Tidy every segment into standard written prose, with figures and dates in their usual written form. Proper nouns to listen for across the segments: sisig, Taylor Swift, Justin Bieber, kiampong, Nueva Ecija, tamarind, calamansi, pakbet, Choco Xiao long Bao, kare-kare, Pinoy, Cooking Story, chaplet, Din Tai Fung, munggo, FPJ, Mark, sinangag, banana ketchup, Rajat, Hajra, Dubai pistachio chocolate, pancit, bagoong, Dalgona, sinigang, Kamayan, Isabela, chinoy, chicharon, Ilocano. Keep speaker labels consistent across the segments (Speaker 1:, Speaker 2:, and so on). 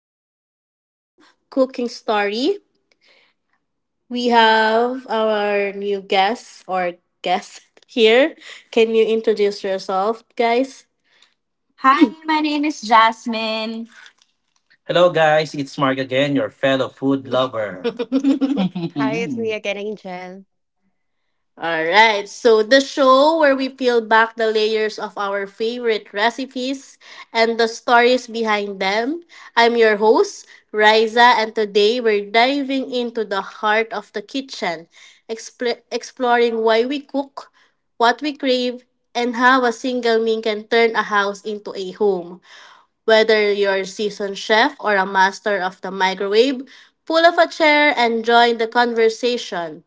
Speaker 1: Welcome to Cooking Story. We have our new guest or guest here. Can you introduce yourself, guys? Hi, my name is Jasmine. Hello, guys. It's Mark again, your fellow food lover.
Speaker 2: Hi, it's me again, Angel.
Speaker 1: All right. So the show where we peel back the layers of our favorite recipes and the stories behind them. I'm your host, Riza, and today we're diving into the heart of the kitchen, exploring why we cook, what we crave, and how a single meal can turn a house into a home. Whether you're a seasoned chef or a master of the microwave, pull up a chair and join the conversation.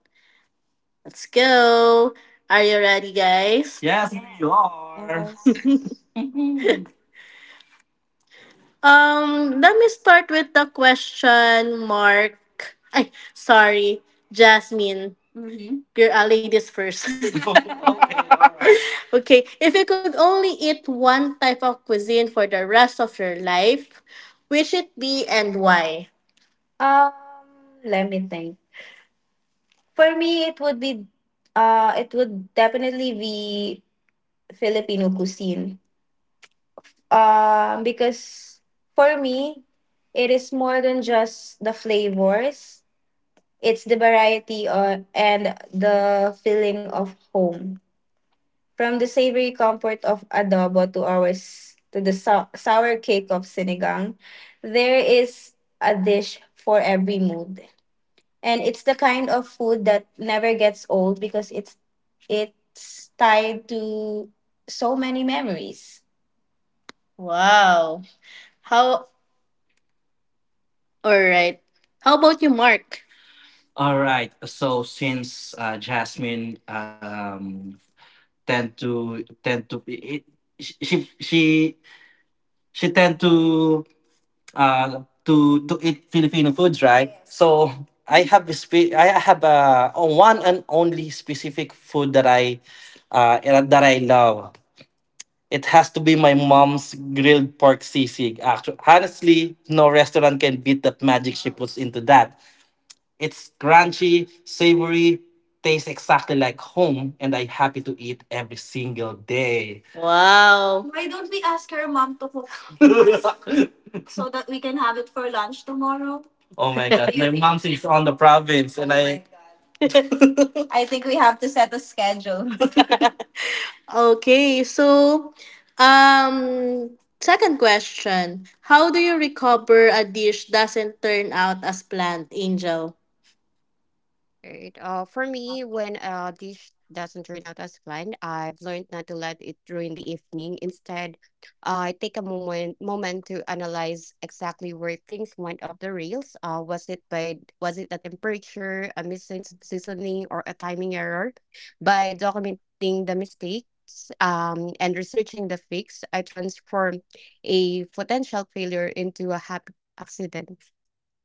Speaker 1: Let's go. Are you ready, guys? Yes, we are.
Speaker 2: Yes.
Speaker 1: Let me start with the question mark. Ay, sorry, Jasmine. Mm-hmm. Girl, ladies first. Okay, if you could only eat one type of cuisine for the rest of your life, which it be and why? Um, Let me think. For me, it would be, it would definitely be Filipino cuisine. Because for me, it is more than just the flavors. It's the variety or, and the feeling of home. From the savory comfort of adobo to ours to the sour cake of sinigang, there is a dish for every mood. And it's the kind of food that never gets old because it's tied to so many memories. Wow. How All right. How about you, Mark? All right. So since Jasmine tend to it, she she she tend to uh to to eat Filipino foods, right? So I have a I have a one and only specific food uh that I love. It has to be my mom's grilled pork sisig. Actually, honestly, no restaurant can beat that magic she puts into that. It's crunchy, savory, tastes exactly like home, and I'm happy to eat every single day. Wow. Why don't we ask her mom to cook for us so that we can have it for lunch tomorrow? Oh my god, my mom is on the province, and I. I think we have to set a schedule. Okay, so um second question. How do you recover a dish doesn't turn out as planned, Angel?
Speaker 2: Right, for me, when a dish doesn't turn out as planned, I've learned not to let it ruin the evening. Instead, I take a moment to analyze exactly where things went off the rails. Was it the temperature, a missing seasoning, or a timing error? By documenting the mistakes, and researching the fix, I transform a potential failure into a happy accident.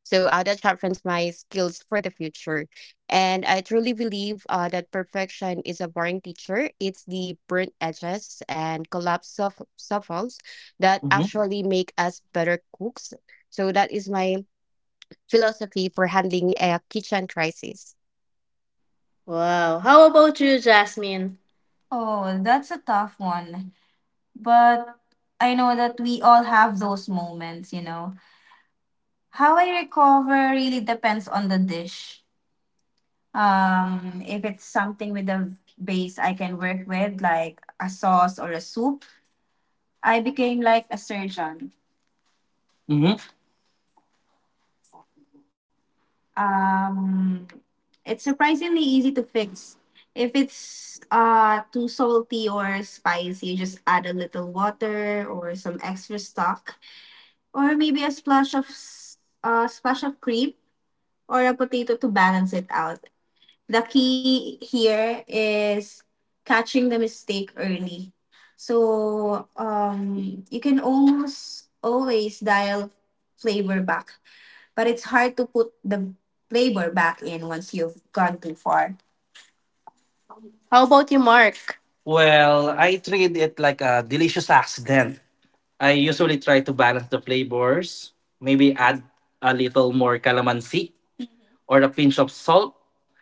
Speaker 2: So that sharpens my skills for the future. And I truly believe that perfection is a boring teacher. It's the burnt edges and collapse of shuffles that actually make us better cooks. So that is my philosophy for handling a kitchen crisis.
Speaker 1: Wow. How about you, Jasmine? Oh, that's a tough one. But I know that we all have those moments, How I recover really depends on the dish. If it's something with a base I can work with, like a sauce or a soup, I became like a surgeon. Um, it's surprisingly easy to fix. If it's too salty or spicy, you just add a little water or some extra stock, or maybe a splash of splash of cream or a potato to balance it out. The key here is catching the mistake early. So you can almost always dial flavor back but it's hard to put the flavor back in once you've gone too far. How about you, Mark? Well, I treat it like a delicious accident. I usually try to balance the flavors, maybe add a little more calamansi or a pinch of salt.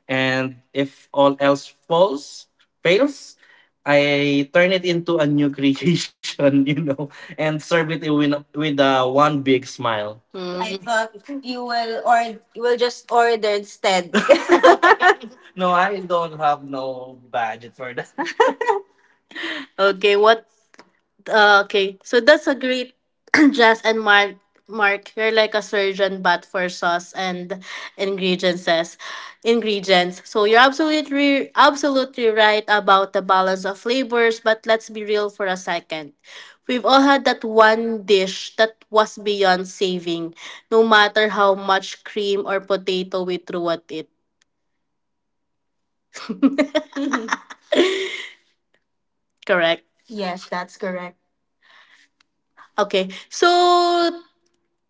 Speaker 1: And if all else falls, fails, I turn it into a new creation, you know, and serve it with, with one big smile. I thought you will or you will just order instead. No, I don't have no budget for that. Okay, what okay, so that's a great Jess and Mark. Mark, you're like a surgeon, but for sauce and ingredients. Ingredients. So you're absolutely right about the balance of flavors. But let's be real for a second. We've all had that one dish that was beyond saving, no matter how much cream or potato we threw at it. Correct. Yes, that's correct. Okay, so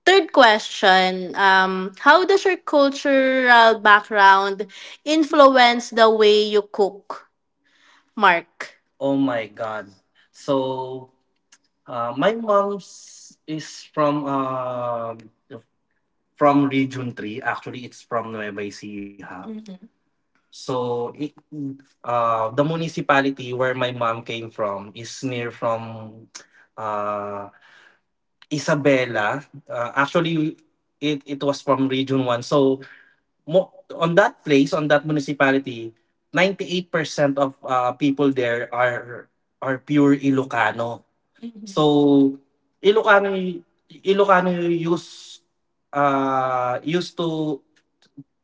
Speaker 1: third question, how does your cultural background influence the way you cook, Mark? Oh my god. So my mom's is from region 3. Actually, it's from Nueva Ecija. Mm. So it, the municipality where my mom came from is near from uh, Isabela. Actually, it was from region 1. So mo, on that place, on that municipality, 98% of people there are pure Ilocano. So Ilocano Ilocano use used to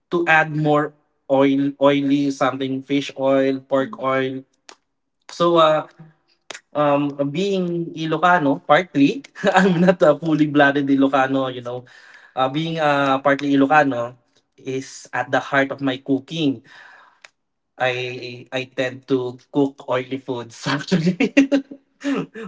Speaker 1: add more oil oily something fish oil, pork oil. So being Ilocano partly, I'm not a fully blooded Ilocano, you know. Being partly Ilocano is at the heart of my cooking I tend to cook oily foods actually.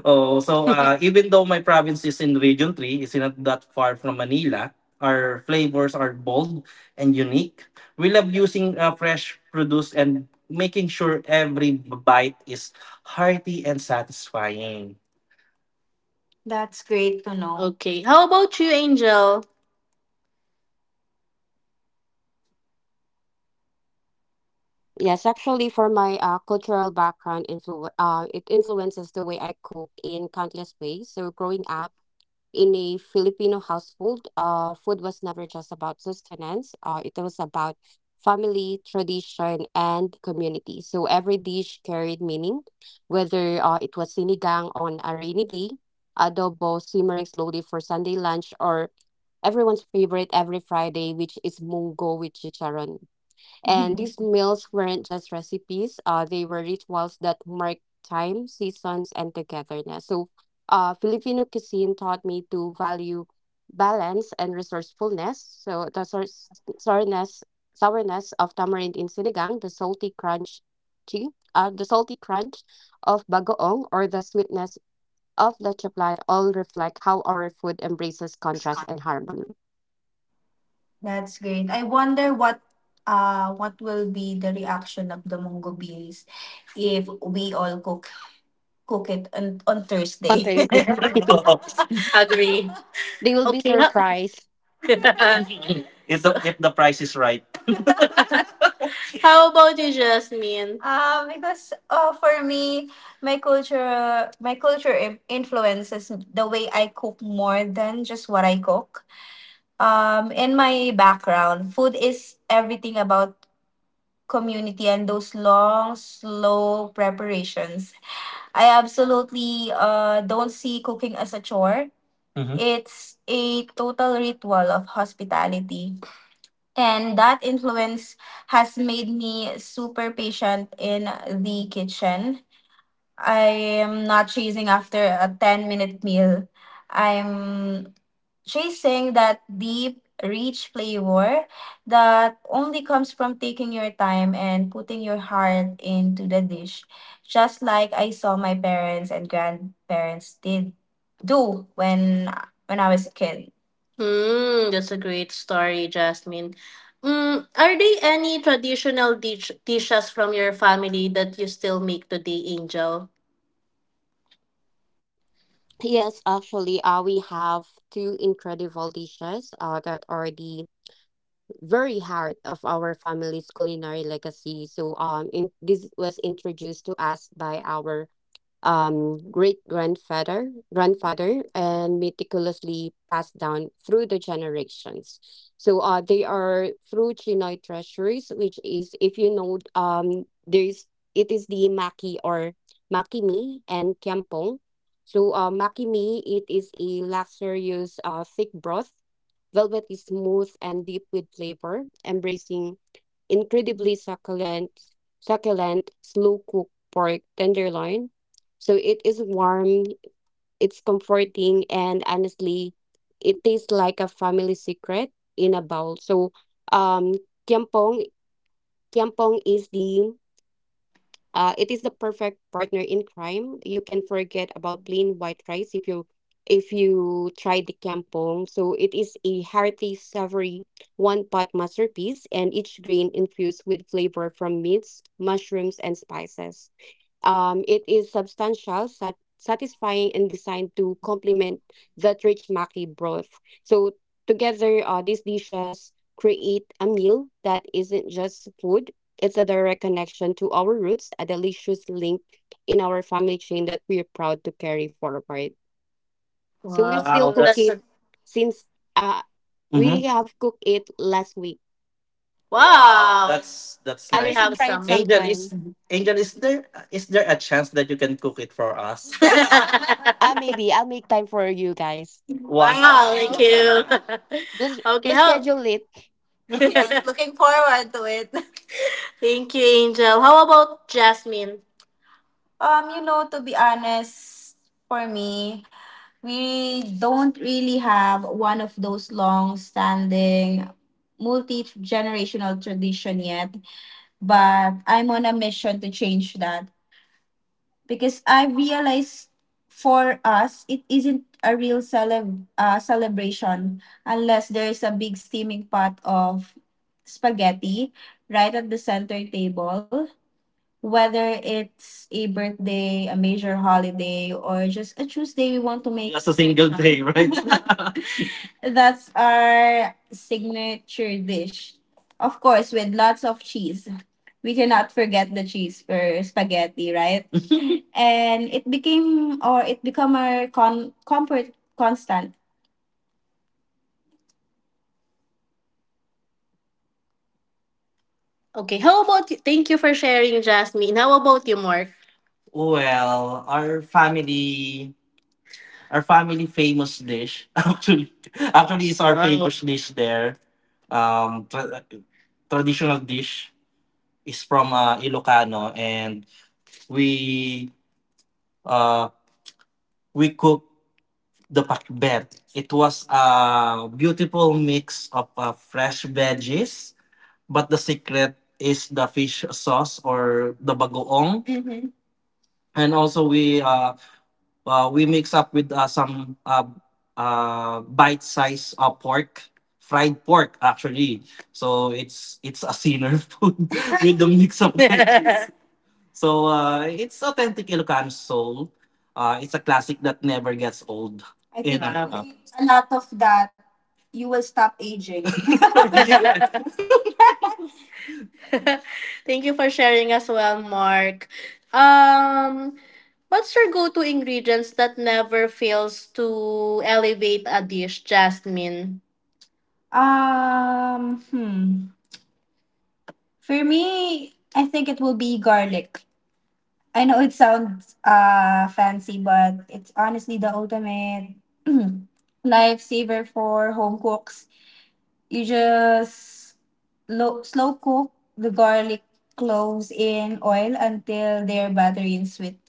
Speaker 1: Oh, so even though my province is in Region Three, it's not that far from Manila, our flavors are bold and unique. We love using fresh produce and making sure every bite is hearty and satisfying. That's great to know. Okay. How about you, Angel?
Speaker 2: Yes, actually, for my cultural background, it influences the way I cook in countless ways. So, growing up, in a Filipino household, food was never just about sustenance. It was about family, tradition, and community. So every dish carried meaning, whether it was sinigang on a rainy day, adobo simmering slowly for Sunday lunch, or everyone's favorite every Friday, which is munggo with chicharon. And these meals weren't just recipes, they were rituals that marked time, seasons, and togetherness. So, Filipino cuisine taught me to value balance and resourcefulness. So, the sourness, sourness of tamarind in sinigang, the salty crunch, chi- the salty crunch of bagoong, or the sweetness of the chaplet all reflect how our food embraces contrast and harmony.
Speaker 1: That's great. I wonder what will be the reaction of the Munggo Bees if we all cook it on
Speaker 2: On
Speaker 1: Thursday.
Speaker 2: Thursday.
Speaker 1: Agree.
Speaker 2: They will be
Speaker 1: Okay.
Speaker 2: surprised.
Speaker 1: If if the price is right. How about you, Jasmine? Because for me, my culture, my culture influences the way I cook more than just what I cook. In my background, food is everything about community and those long, slow preparations. I absolutely don't see cooking as a chore. Mm-hmm. It's a total ritual of hospitality. And that influence has made me super patient in the kitchen. I am not chasing after a 10-minute minute meal. I'm chasing that deep, rich flavor that only comes from taking your time and putting your heart into the dish, just like I saw my parents and grandparents did do when I was a kid. Hmm, that's a great story, Jasmine. Mm, are there any traditional dishes from your family that you still make today, Angel?
Speaker 2: Yes, actually, we have two incredible dishes that are the very heart of our family's culinary legacy. So, in, this was introduced to us by our great grandfather and meticulously passed down through the generations, so they are through chinoy treasuries, which is if you know, there's it is the maki or makimi and kiampong. So makimi, it is a luxurious thick broth, velvet is smooth and deep with flavor, embracing
Speaker 1: Mhm.
Speaker 2: incredibly succulent slow cooked pork tenderloin. So it is warm, it's comforting, and honestly, it tastes like a family secret in a bowl. So um kiampong, kiampong is the it is the perfect partner in crime. You can forget about plain white rice if you try the kiampong. So it is a hearty, savory one pot masterpiece, and each grain infused with flavor from meats, mushrooms, and spices. It is substantial, satisfying, and designed to complement that rich maki broth. So together, these dishes create a meal that isn't just food. It's a direct connection to our roots, a delicious link in our family chain that we're proud to carry forward. So we
Speaker 1: Wow,
Speaker 2: still
Speaker 1: Wow,
Speaker 2: cook
Speaker 1: that's
Speaker 2: it,
Speaker 1: that's
Speaker 2: since uh,
Speaker 1: a
Speaker 2: we
Speaker 1: mhm.
Speaker 2: have cooked it last week.
Speaker 1: Wow. That's Can we
Speaker 2: You
Speaker 1: nice. Have
Speaker 2: should try it
Speaker 1: some? Angel is
Speaker 2: sometime.
Speaker 1: Angel is there a chance that you can cook it for us?
Speaker 2: Maybe I'll make time for you guys.
Speaker 1: One wow, thank you.
Speaker 2: We'll,
Speaker 1: Okay,
Speaker 2: we'll
Speaker 1: how?
Speaker 2: schedule it.
Speaker 1: Yes, looking forward to it. Thank you, Angel. How about Jasmine? You know, to be honest, for me, we don't really have one of those long standing multi generational tradition yet. But I'm on a mission to change that because I realize for us it isn't a real celebration unless there is a big steaming pot of spaghetti right at the center table whether it's a birthday a major holiday or just a Tuesday we want to make Just a single day, right? That's our signature dish. Of course, with lots of cheese. We cannot forget the cheese for spaghetti, right? And it became or it become our comfort constant. Okay, how about you? Thank you for sharing, Jasmine. How about you, Mark? Well, our family famous dish actually, actually is our Wow. famous dish there. Um, tra- traditional dish. Is from Ilocano, and we uh, we cooked the pakbet. It was a beautiful mix of fresh veggies, but the secret is the fish sauce or the bagoong. Mhm. And also we mix up with some bite size pork, fried pork actually. So it's a sinner food with the mix of veggies. So it's authentic Ilocano soul. It's a classic that never gets old. I think a lot of that you will stop aging. Yes. Thank you for sharing as well, Mark. Um, what's your go-to ingredients that never fails to elevate a dish, Jasmine? um, hmm. For me, I think it will be garlic. I know it sounds fancy, but it's honestly the ultimate lifesaver for home cooks. You just low, slow cook the garlic cloves in oil until they're buttery and sweet.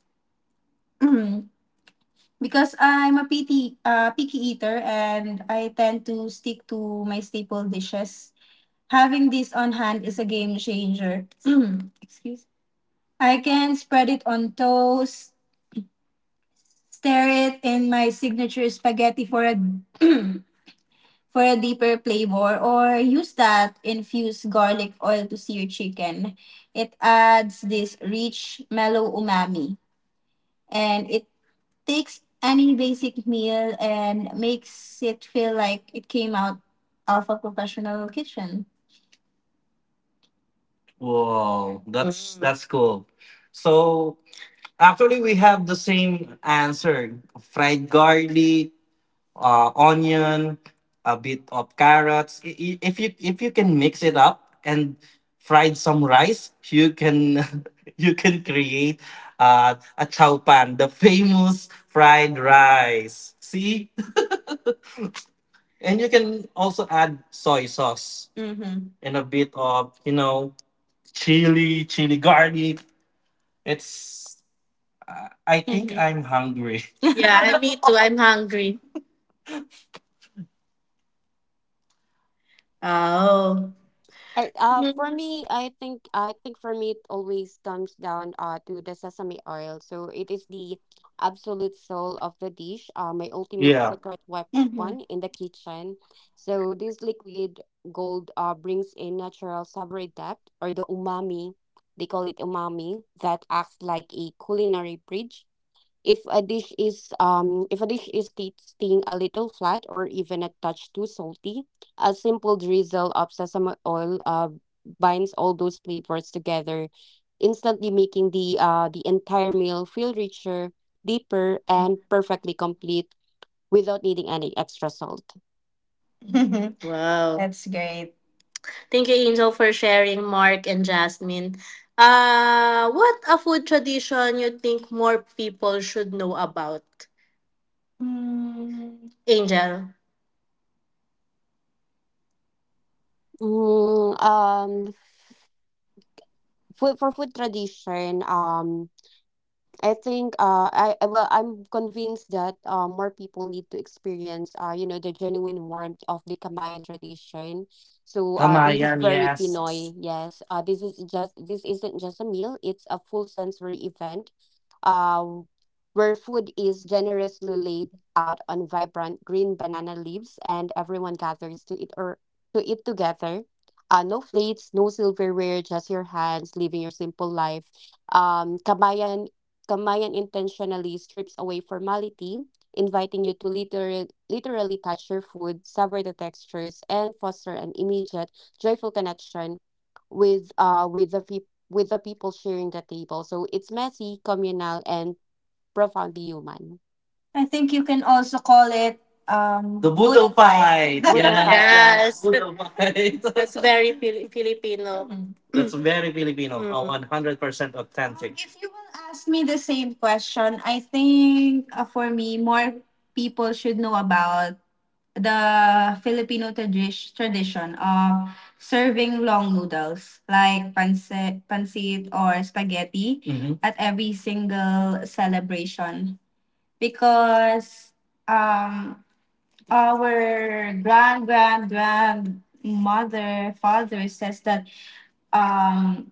Speaker 1: Mhm. Because I'm a picky, picky eater and I tend to stick to my staple dishes. Having this on hand is a game changer. Excuse. I can spread it on toast, stir it in my signature spaghetti for a for a deeper flavor, or use that infused garlic oil to sear chicken. It adds this rich, mellow umami, and it takes any basic meal and makes it feel like it came out of a professional kitchen. Whoa, that's Mm. that's cool. So actually, we have the same answer: fried garlic, onion, a bit of carrots. If you can mix it up and fried some rice, you can you can create a chow pan, the famous fried rice. See, and you can also add soy sauce hmm and a bit of you know chili, chili garlic. It's I think hmm I'm hungry. Yeah, me too. I'm hungry. Oh.
Speaker 2: I for me, I think, for me it always comes down to the sesame oil. So it is the absolute soul of the dish, my ultimate
Speaker 1: Yeah.
Speaker 2: secret weapon in the kitchen. So this liquid gold brings a natural savory depth, or the umami. They call it umami, that acts like a culinary bridge. If a dish is tasting a little flat or even a touch too salty, a simple drizzle of sesame oil binds all those flavors together, instantly making the entire meal feel richer, deeper, and perfectly complete without needing any extra salt.
Speaker 1: Wow, that's great. Thank you, Angel, for sharing, Mark and Jasmine. What a food tradition you think more people should know about? Angel.
Speaker 2: Mm, um, Food for food tradition, I think well, I'm convinced that more people need to experience you know the genuine warmth of the Kamayan tradition. So this is
Speaker 1: Kamayan,
Speaker 2: very
Speaker 1: yes.
Speaker 2: Pinoy. Yes. This is just, this isn't just a meal, it's a full sensory event. Uh where food is generously laid out on vibrant green banana leaves and everyone gathers to eat or to eat together. No plates, no silverware, just your hands, living your simple life, Kabayan Kamayan intentionally strips away formality, inviting you to literally touch your food, savor the textures, and foster an immediate, joyful connection with the peop with the people sharing the table. So it's messy, communal, and profoundly human.
Speaker 1: I think you can also call it the Budo Buddha pie. Fight.
Speaker 2: Buddha
Speaker 1: Yeah.
Speaker 2: vibe,
Speaker 1: Yes.
Speaker 2: yes.
Speaker 1: Budo fight. That's very Filipino. Mm. That's very Filipino. Mm. 100% authentic. If you will ask me the same question, I think for me, more people should know about the Filipino tradition of serving long noodles like pancit or spaghetti. Mhm. At every single celebration because um our grand grandmother father says that um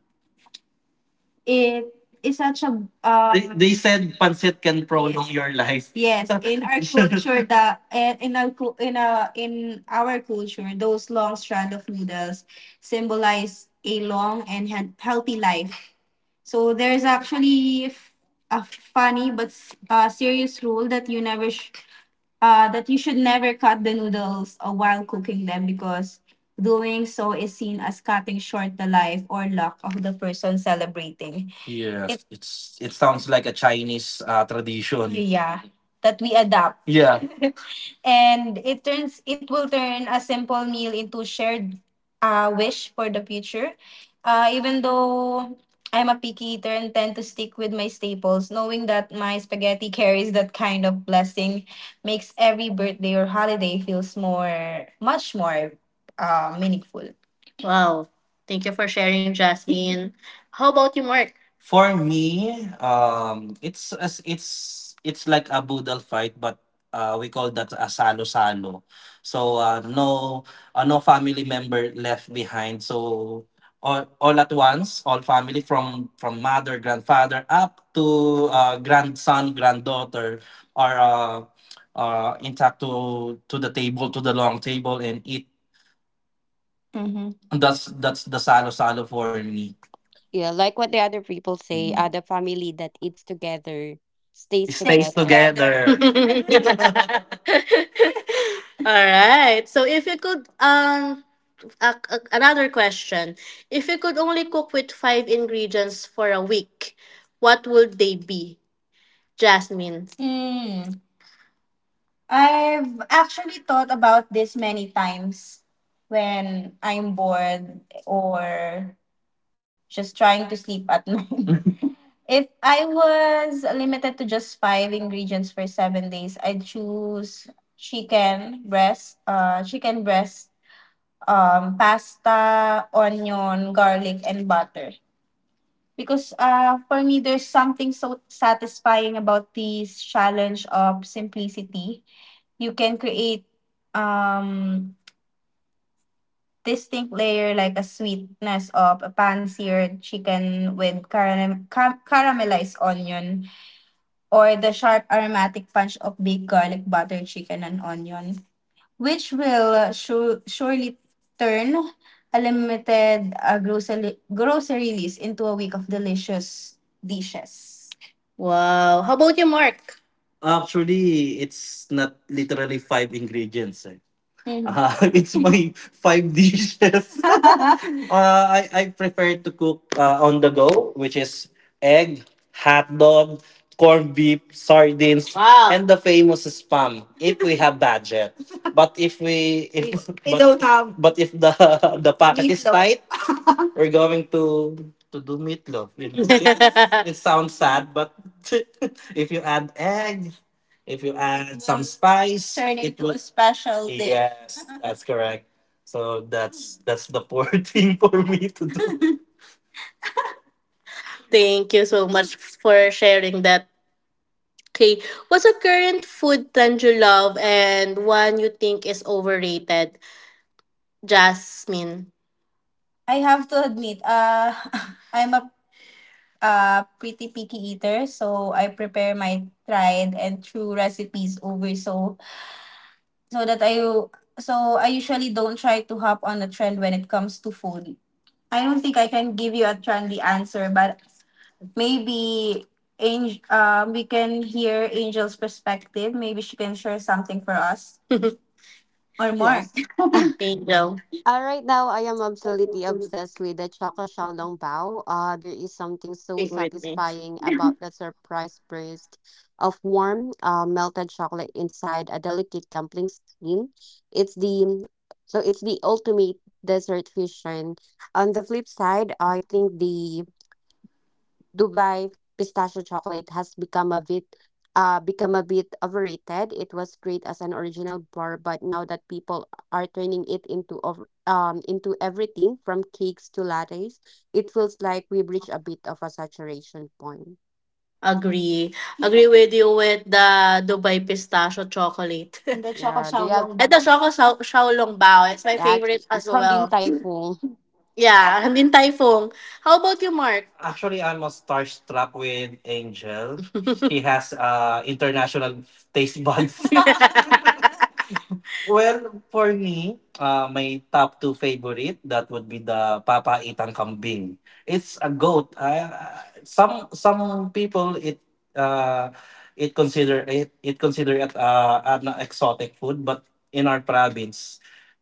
Speaker 1: it is such a, they said pancit can prolong your life. Yes. So in our culture, the eh, in our cul- in a in our culture, those long strand of noodles symbolize a long and healthy life. So there's actually a funny but serious rule that you never sh- that you should never cut the noodles while cooking them, because doing so is seen as cutting short the life or luck of the person celebrating. It, Yes, It, it's it sounds like a Chinese tradition. Yeah, that we adapt. Yeah. and it turns it will turn a simple meal into shared wish for the future. Even though I'm a picky eater and tend to stick with my staples, knowing that my spaghetti carries that kind of blessing makes every birthday or holiday feels more much more meaningful. Wow. Thank you for sharing, Jasmine. How about you, Mark? For me, it's as it's like a Boodle fight, but we call that a salo-salo. So no family member left behind. So all at once, all family from mother, grandfather up to grandson, granddaughter are intact to the table, to the long table, and eat. Mm-hmm. That's the salo-salo for me.
Speaker 2: Yeah, like what the other people say, the family that eats together
Speaker 1: It
Speaker 2: stays
Speaker 1: stays
Speaker 2: together.
Speaker 1: together. All right. So if you could another question. If you could only cook with five ingredients for a week, what would they be? Jasmine. Mm. I've actually thought about this many times when I'm bored or just trying to sleep at night. If I was limited to just five ingredients for 7 days, I'd choose chicken breast, pasta, onion, garlic, and butter. Because for me, there's something so satisfying about this challenge of simplicity. You can create um, distinct layer like a sweetness of a pan-seared chicken with caramelized onion, or the sharp aromatic punch of baked garlic butter chicken and onion, which will surely turn a limited grocery list into a week of delicious dishes. Wow. How about you, Mark? Actually, it's not literally five ingredients. Eh. Mhm. Ah, it's my five dishes. I prefer to cook on the go, which is egg, hot dog, corned beef, sardines, wow, and the famous spam if we have budget. But if we if don't have, but if the the pocket is meatloaf, tight, we're going to do meatloaf. You know, it sounds sad, but if you add egg, if you add some spice, turn it into will, a special dish. Yes. That's correct. So that's the poor thing for me to do. Thank you so much for sharing that. Okay, what's a current food trend you love and one you think is overrated? Jasmine. I have to admit, I'm a pretty picky eater, so I prepare my tried and true recipes over so that I so I usually don't try to hop on a trend when it comes to food. I don't think I can give you a trendy answer, but maybe Angel, we can hear Angel's perspective. Maybe she can share something for us or Mark.
Speaker 2: Yes.
Speaker 1: Angel,
Speaker 2: Right now, I am absolutely obsessed with the Choco Xiao long Bao. There is something so
Speaker 1: sing with me.
Speaker 2: satisfying about the surprise burst of warm, melted chocolate inside a delicate dumpling skin. It's the it's the ultimate dessert fusion. On the flip side, I think the Dubai pistachio chocolate has become a bit overrated. It was great as an original bar, but now that people are turning it into into everything from cakes to lattes, it feels like we've reached a bit of a saturation point.
Speaker 1: Agree. Agree with you with the Dubai pistachio chocolate. And the choco
Speaker 2: Yeah, they
Speaker 1: xiaolong
Speaker 2: have
Speaker 1: and the bao. Choco Shaolong Bao. It's my
Speaker 2: that
Speaker 1: favorite as
Speaker 2: from Din
Speaker 1: well.
Speaker 2: Tai Fung.
Speaker 1: Yeah. And din Typhoon. How about you, Mark? Actually, I'm a starstruck with Angel. She has international taste buds. Well, for me, my top two favorite that would be the Papa Itang Kambing. It's a goat. Some people uh, it consider it an exotic food, but in our province,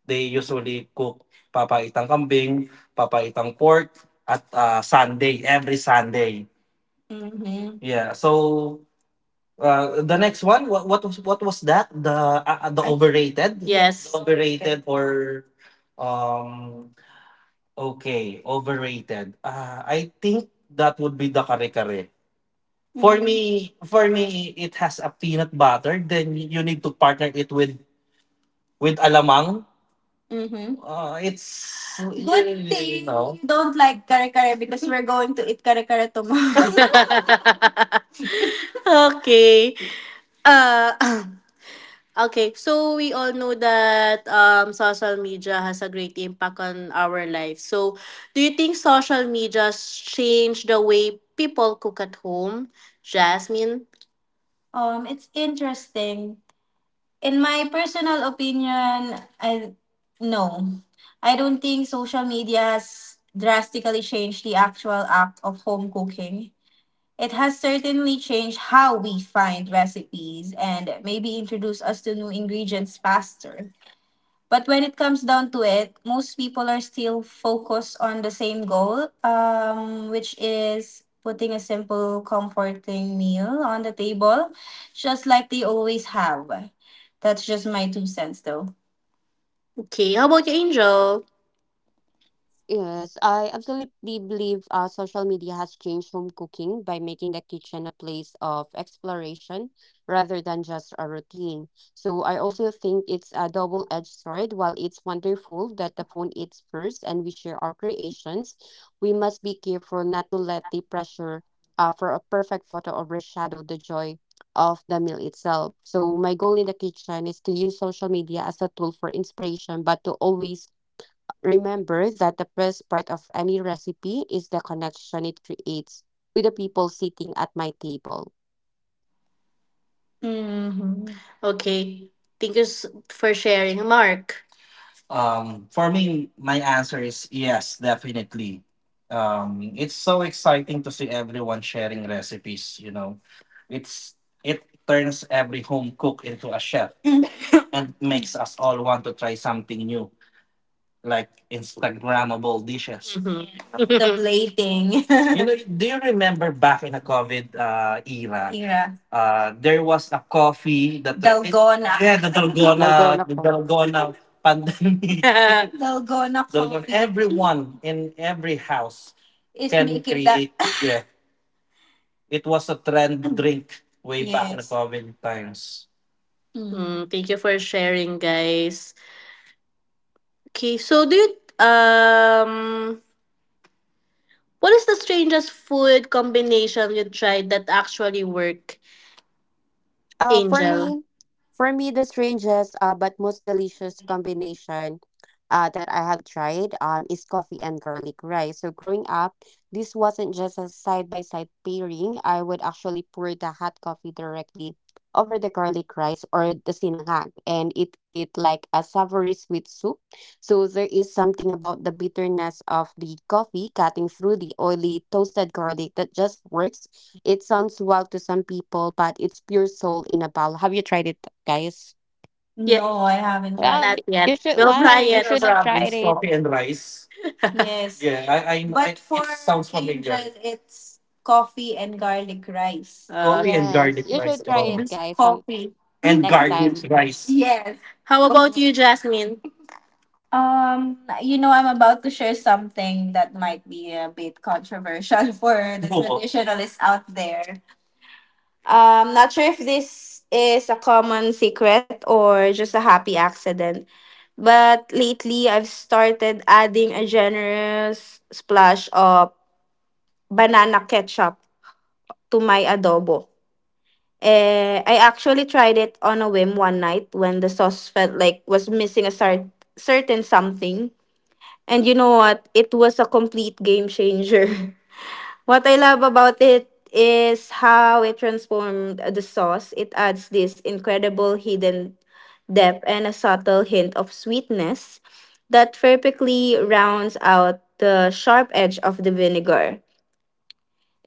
Speaker 1: they usually cook Papa Itang Kambing, Papa Itang Pork at Sunday every Sunday. Mhm. Yeah. So the next one, what was that? The overrated? Yes. Overrated or um okay, overrated. I think that would be the kare-kare. For me, it has a peanut butter. Then you need to partner it with alamang. Mm-hmm. It's good you thing you know, you don't like kare kare, because we're going to eat kare kare tomorrow. Okay. Uh, Okay, so we all know that social media has a great impact on our life. So do you think social media changed the way people cook at home, Jasmine? It's interesting. In my personal opinion, I no. I don't think social media has drastically changed the actual act of home cooking. It has certainly changed how we find recipes and maybe introduce us to new ingredients faster. But when it comes down to it, most people are still focused on the same goal, which is putting a simple, comforting meal on the table, just like they always have. That's just my two cents, though. Okay, how about you, Angel?
Speaker 2: Yes, I absolutely believe social media has changed home cooking by making the kitchen a place of exploration rather than just a routine. So I also think it's a double-edged sword. While it's wonderful that the phone eats first and we share our creations, we must be careful not to let the pressure for a perfect photo overshadow the joy of the meal itself. So my goal in the kitchen is to use social media as a tool for inspiration, but to always remember that the best part of any recipe is the connection it creates with the people sitting at my table.
Speaker 1: Hmm. Okay, thank you for sharing, Mark. For me, my answer is yes, definitely. It's so exciting to see everyone sharing recipes. You know, it's it turns every home cook into a chef and makes us all want to try something new, like Instagrammable dishes. Mhm. The plating. You know, do you remember back in the COVID era? Yeah. There was a coffee that Dalgona. Yeah,
Speaker 2: Dalgona
Speaker 1: the
Speaker 2: ko.
Speaker 1: Dalgona pandemic. Coffee. Everyone in every house is can make it that, create. Yeah, it was a trend drink way back in the yes COVID times. Mm. Mm, thank you for sharing, guys. Okay, so do you, what is the strangest food combination you tried that actually worked,
Speaker 2: Uh, for
Speaker 1: Angel?
Speaker 2: me, for me, the strangest but most delicious combination that I have tried is coffee and garlic rice. So growing up, this wasn't just a side by side pairing. I would actually pour the hot coffee directly over the garlic rice or the sinangag, and it like a savory sweet soup. So there is something about the bitterness of the coffee cutting through the oily toasted garlic that just works. It sounds wild to some people, but it's pure soul in a bottle. Have you tried it, guys?
Speaker 1: Yeah. No, I haven't tried
Speaker 2: Wow,
Speaker 1: not it yet.
Speaker 2: you should.
Speaker 1: We'll try
Speaker 2: Why you
Speaker 1: it.
Speaker 2: should
Speaker 1: Central
Speaker 2: have tried
Speaker 1: province,
Speaker 2: it?
Speaker 1: coffee and rice. Yes. Yeah, I But I for it sounds familiar. Angel, it's coffee and garlic rice. Coffee and
Speaker 2: Yes,
Speaker 1: garlic
Speaker 2: you
Speaker 1: rice.
Speaker 2: should try
Speaker 1: Oh.
Speaker 2: it,
Speaker 1: Just
Speaker 2: guys. Some
Speaker 1: coffee. And
Speaker 2: next
Speaker 1: garlic
Speaker 2: time.
Speaker 1: rice. Yes. How about you, Jasmine? Um, you know, I'm about to share something that might be a bit controversial for the traditionalists out there. I'm not sure if this is a common secret or just a happy accident, but lately I've started adding a generous splash of banana ketchup to my adobo. Eh, I actually tried it on a whim one night when the sauce felt like was missing a certain something. And you know what? It was a complete game changer. What I love about it is how it transformed the sauce. It adds this incredible hidden depth and a subtle hint of sweetness that perfectly rounds out the sharp edge of the vinegar.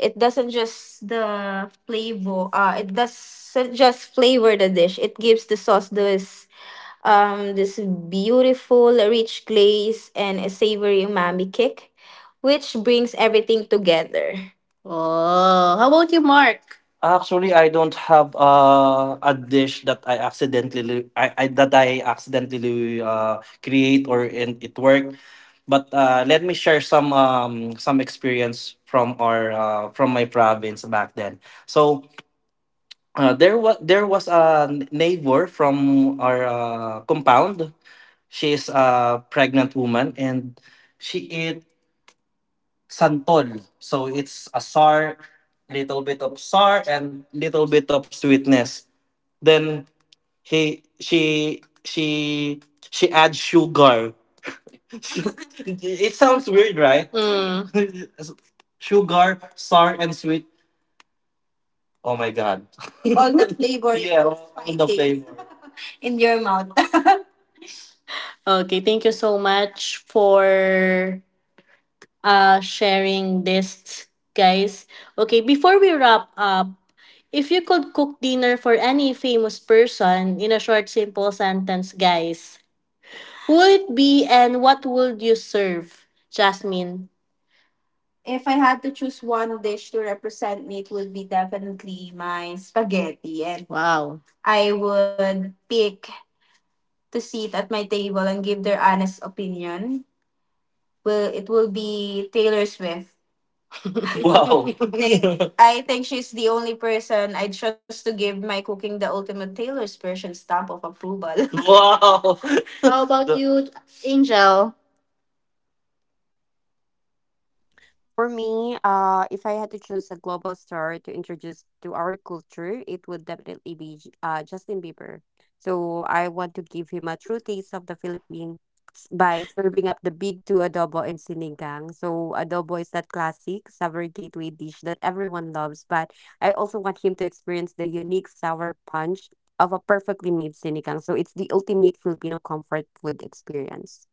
Speaker 1: It doesn't just flavor the dish. It gives the sauce this this beautiful, rich glaze and a savory umami kick, which brings everything together. Oh, how about you, Mark? Actually, I don't have a dish that I accidentally I that I accidentally create or and it worked. But let me share some experience from our from my province back then. So there was a neighbor from our compound. She is a pregnant woman and she ate santol. So it's a sour, little bit of sour and little bit of sweetness. Then he she adds sugar. It sounds weird, right? Mm. Sugar, sour and sweet. Oh my god. All the flavor. Yeah, all the flavor. In your mouth. Okay, thank you so much for sharing this, guys. Okay, before we wrap up, if you could cook dinner for any famous person in a short, simple sentence, guys, who would it be and what would you serve, Jasmine? If I had to choose one dish to represent me, it would be definitely my spaghetti. And wow, I would pick to sit at my table and give their honest opinion. Well, it will be Taylor Swift. Wow. I think she's the only person I trust to give my cooking the ultimate Taylor's version stamp of approval. Wow. How about you?
Speaker 2: For me, if I had to choose a global star to introduce to our culture, it would definitely be Justin Bieber. So I want to give him a true taste of the Philippines by serving up the big two, adobo and sinigang. So adobo is that classic sour gateway dish that everyone loves, but I also want him to experience the unique sour punch of a perfectly made sinigang. So it's the ultimate Filipino comfort food experience.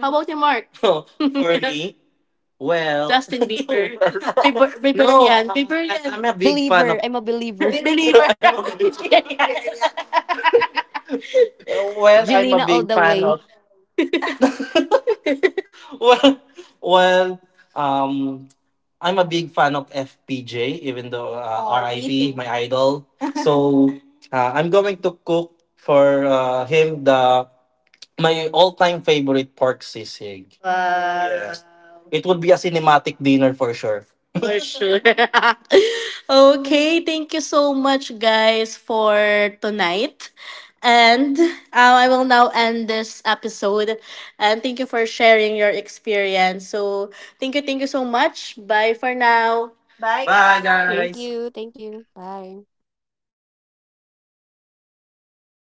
Speaker 1: How about you, Mark? For me, well, Justin Bieber. Biber, no, Biberian. Biberian. I'm a big fan
Speaker 2: Believer,
Speaker 1: of.
Speaker 2: I'm a believer.
Speaker 1: Believer. I'm a big, yeah, yeah. well, I'm a
Speaker 2: Jelena all
Speaker 1: big
Speaker 2: the
Speaker 1: fan
Speaker 2: way.
Speaker 1: of. Well, well, um, I'm a big fan of FPJ, even though oh, RIP, me RIP too. My idol. So I'm going to cook for him the my all-time favorite pork sisig. Wow. Yes. It would be a cinematic dinner for sure. For sure. Okay, thank you so much, guys, for tonight. And I will now end this episode. And thank you for sharing your experience. So thank you, so much. Bye for now. Bye. Bye,
Speaker 2: Thank you.
Speaker 1: guys.
Speaker 2: Thank you. Bye.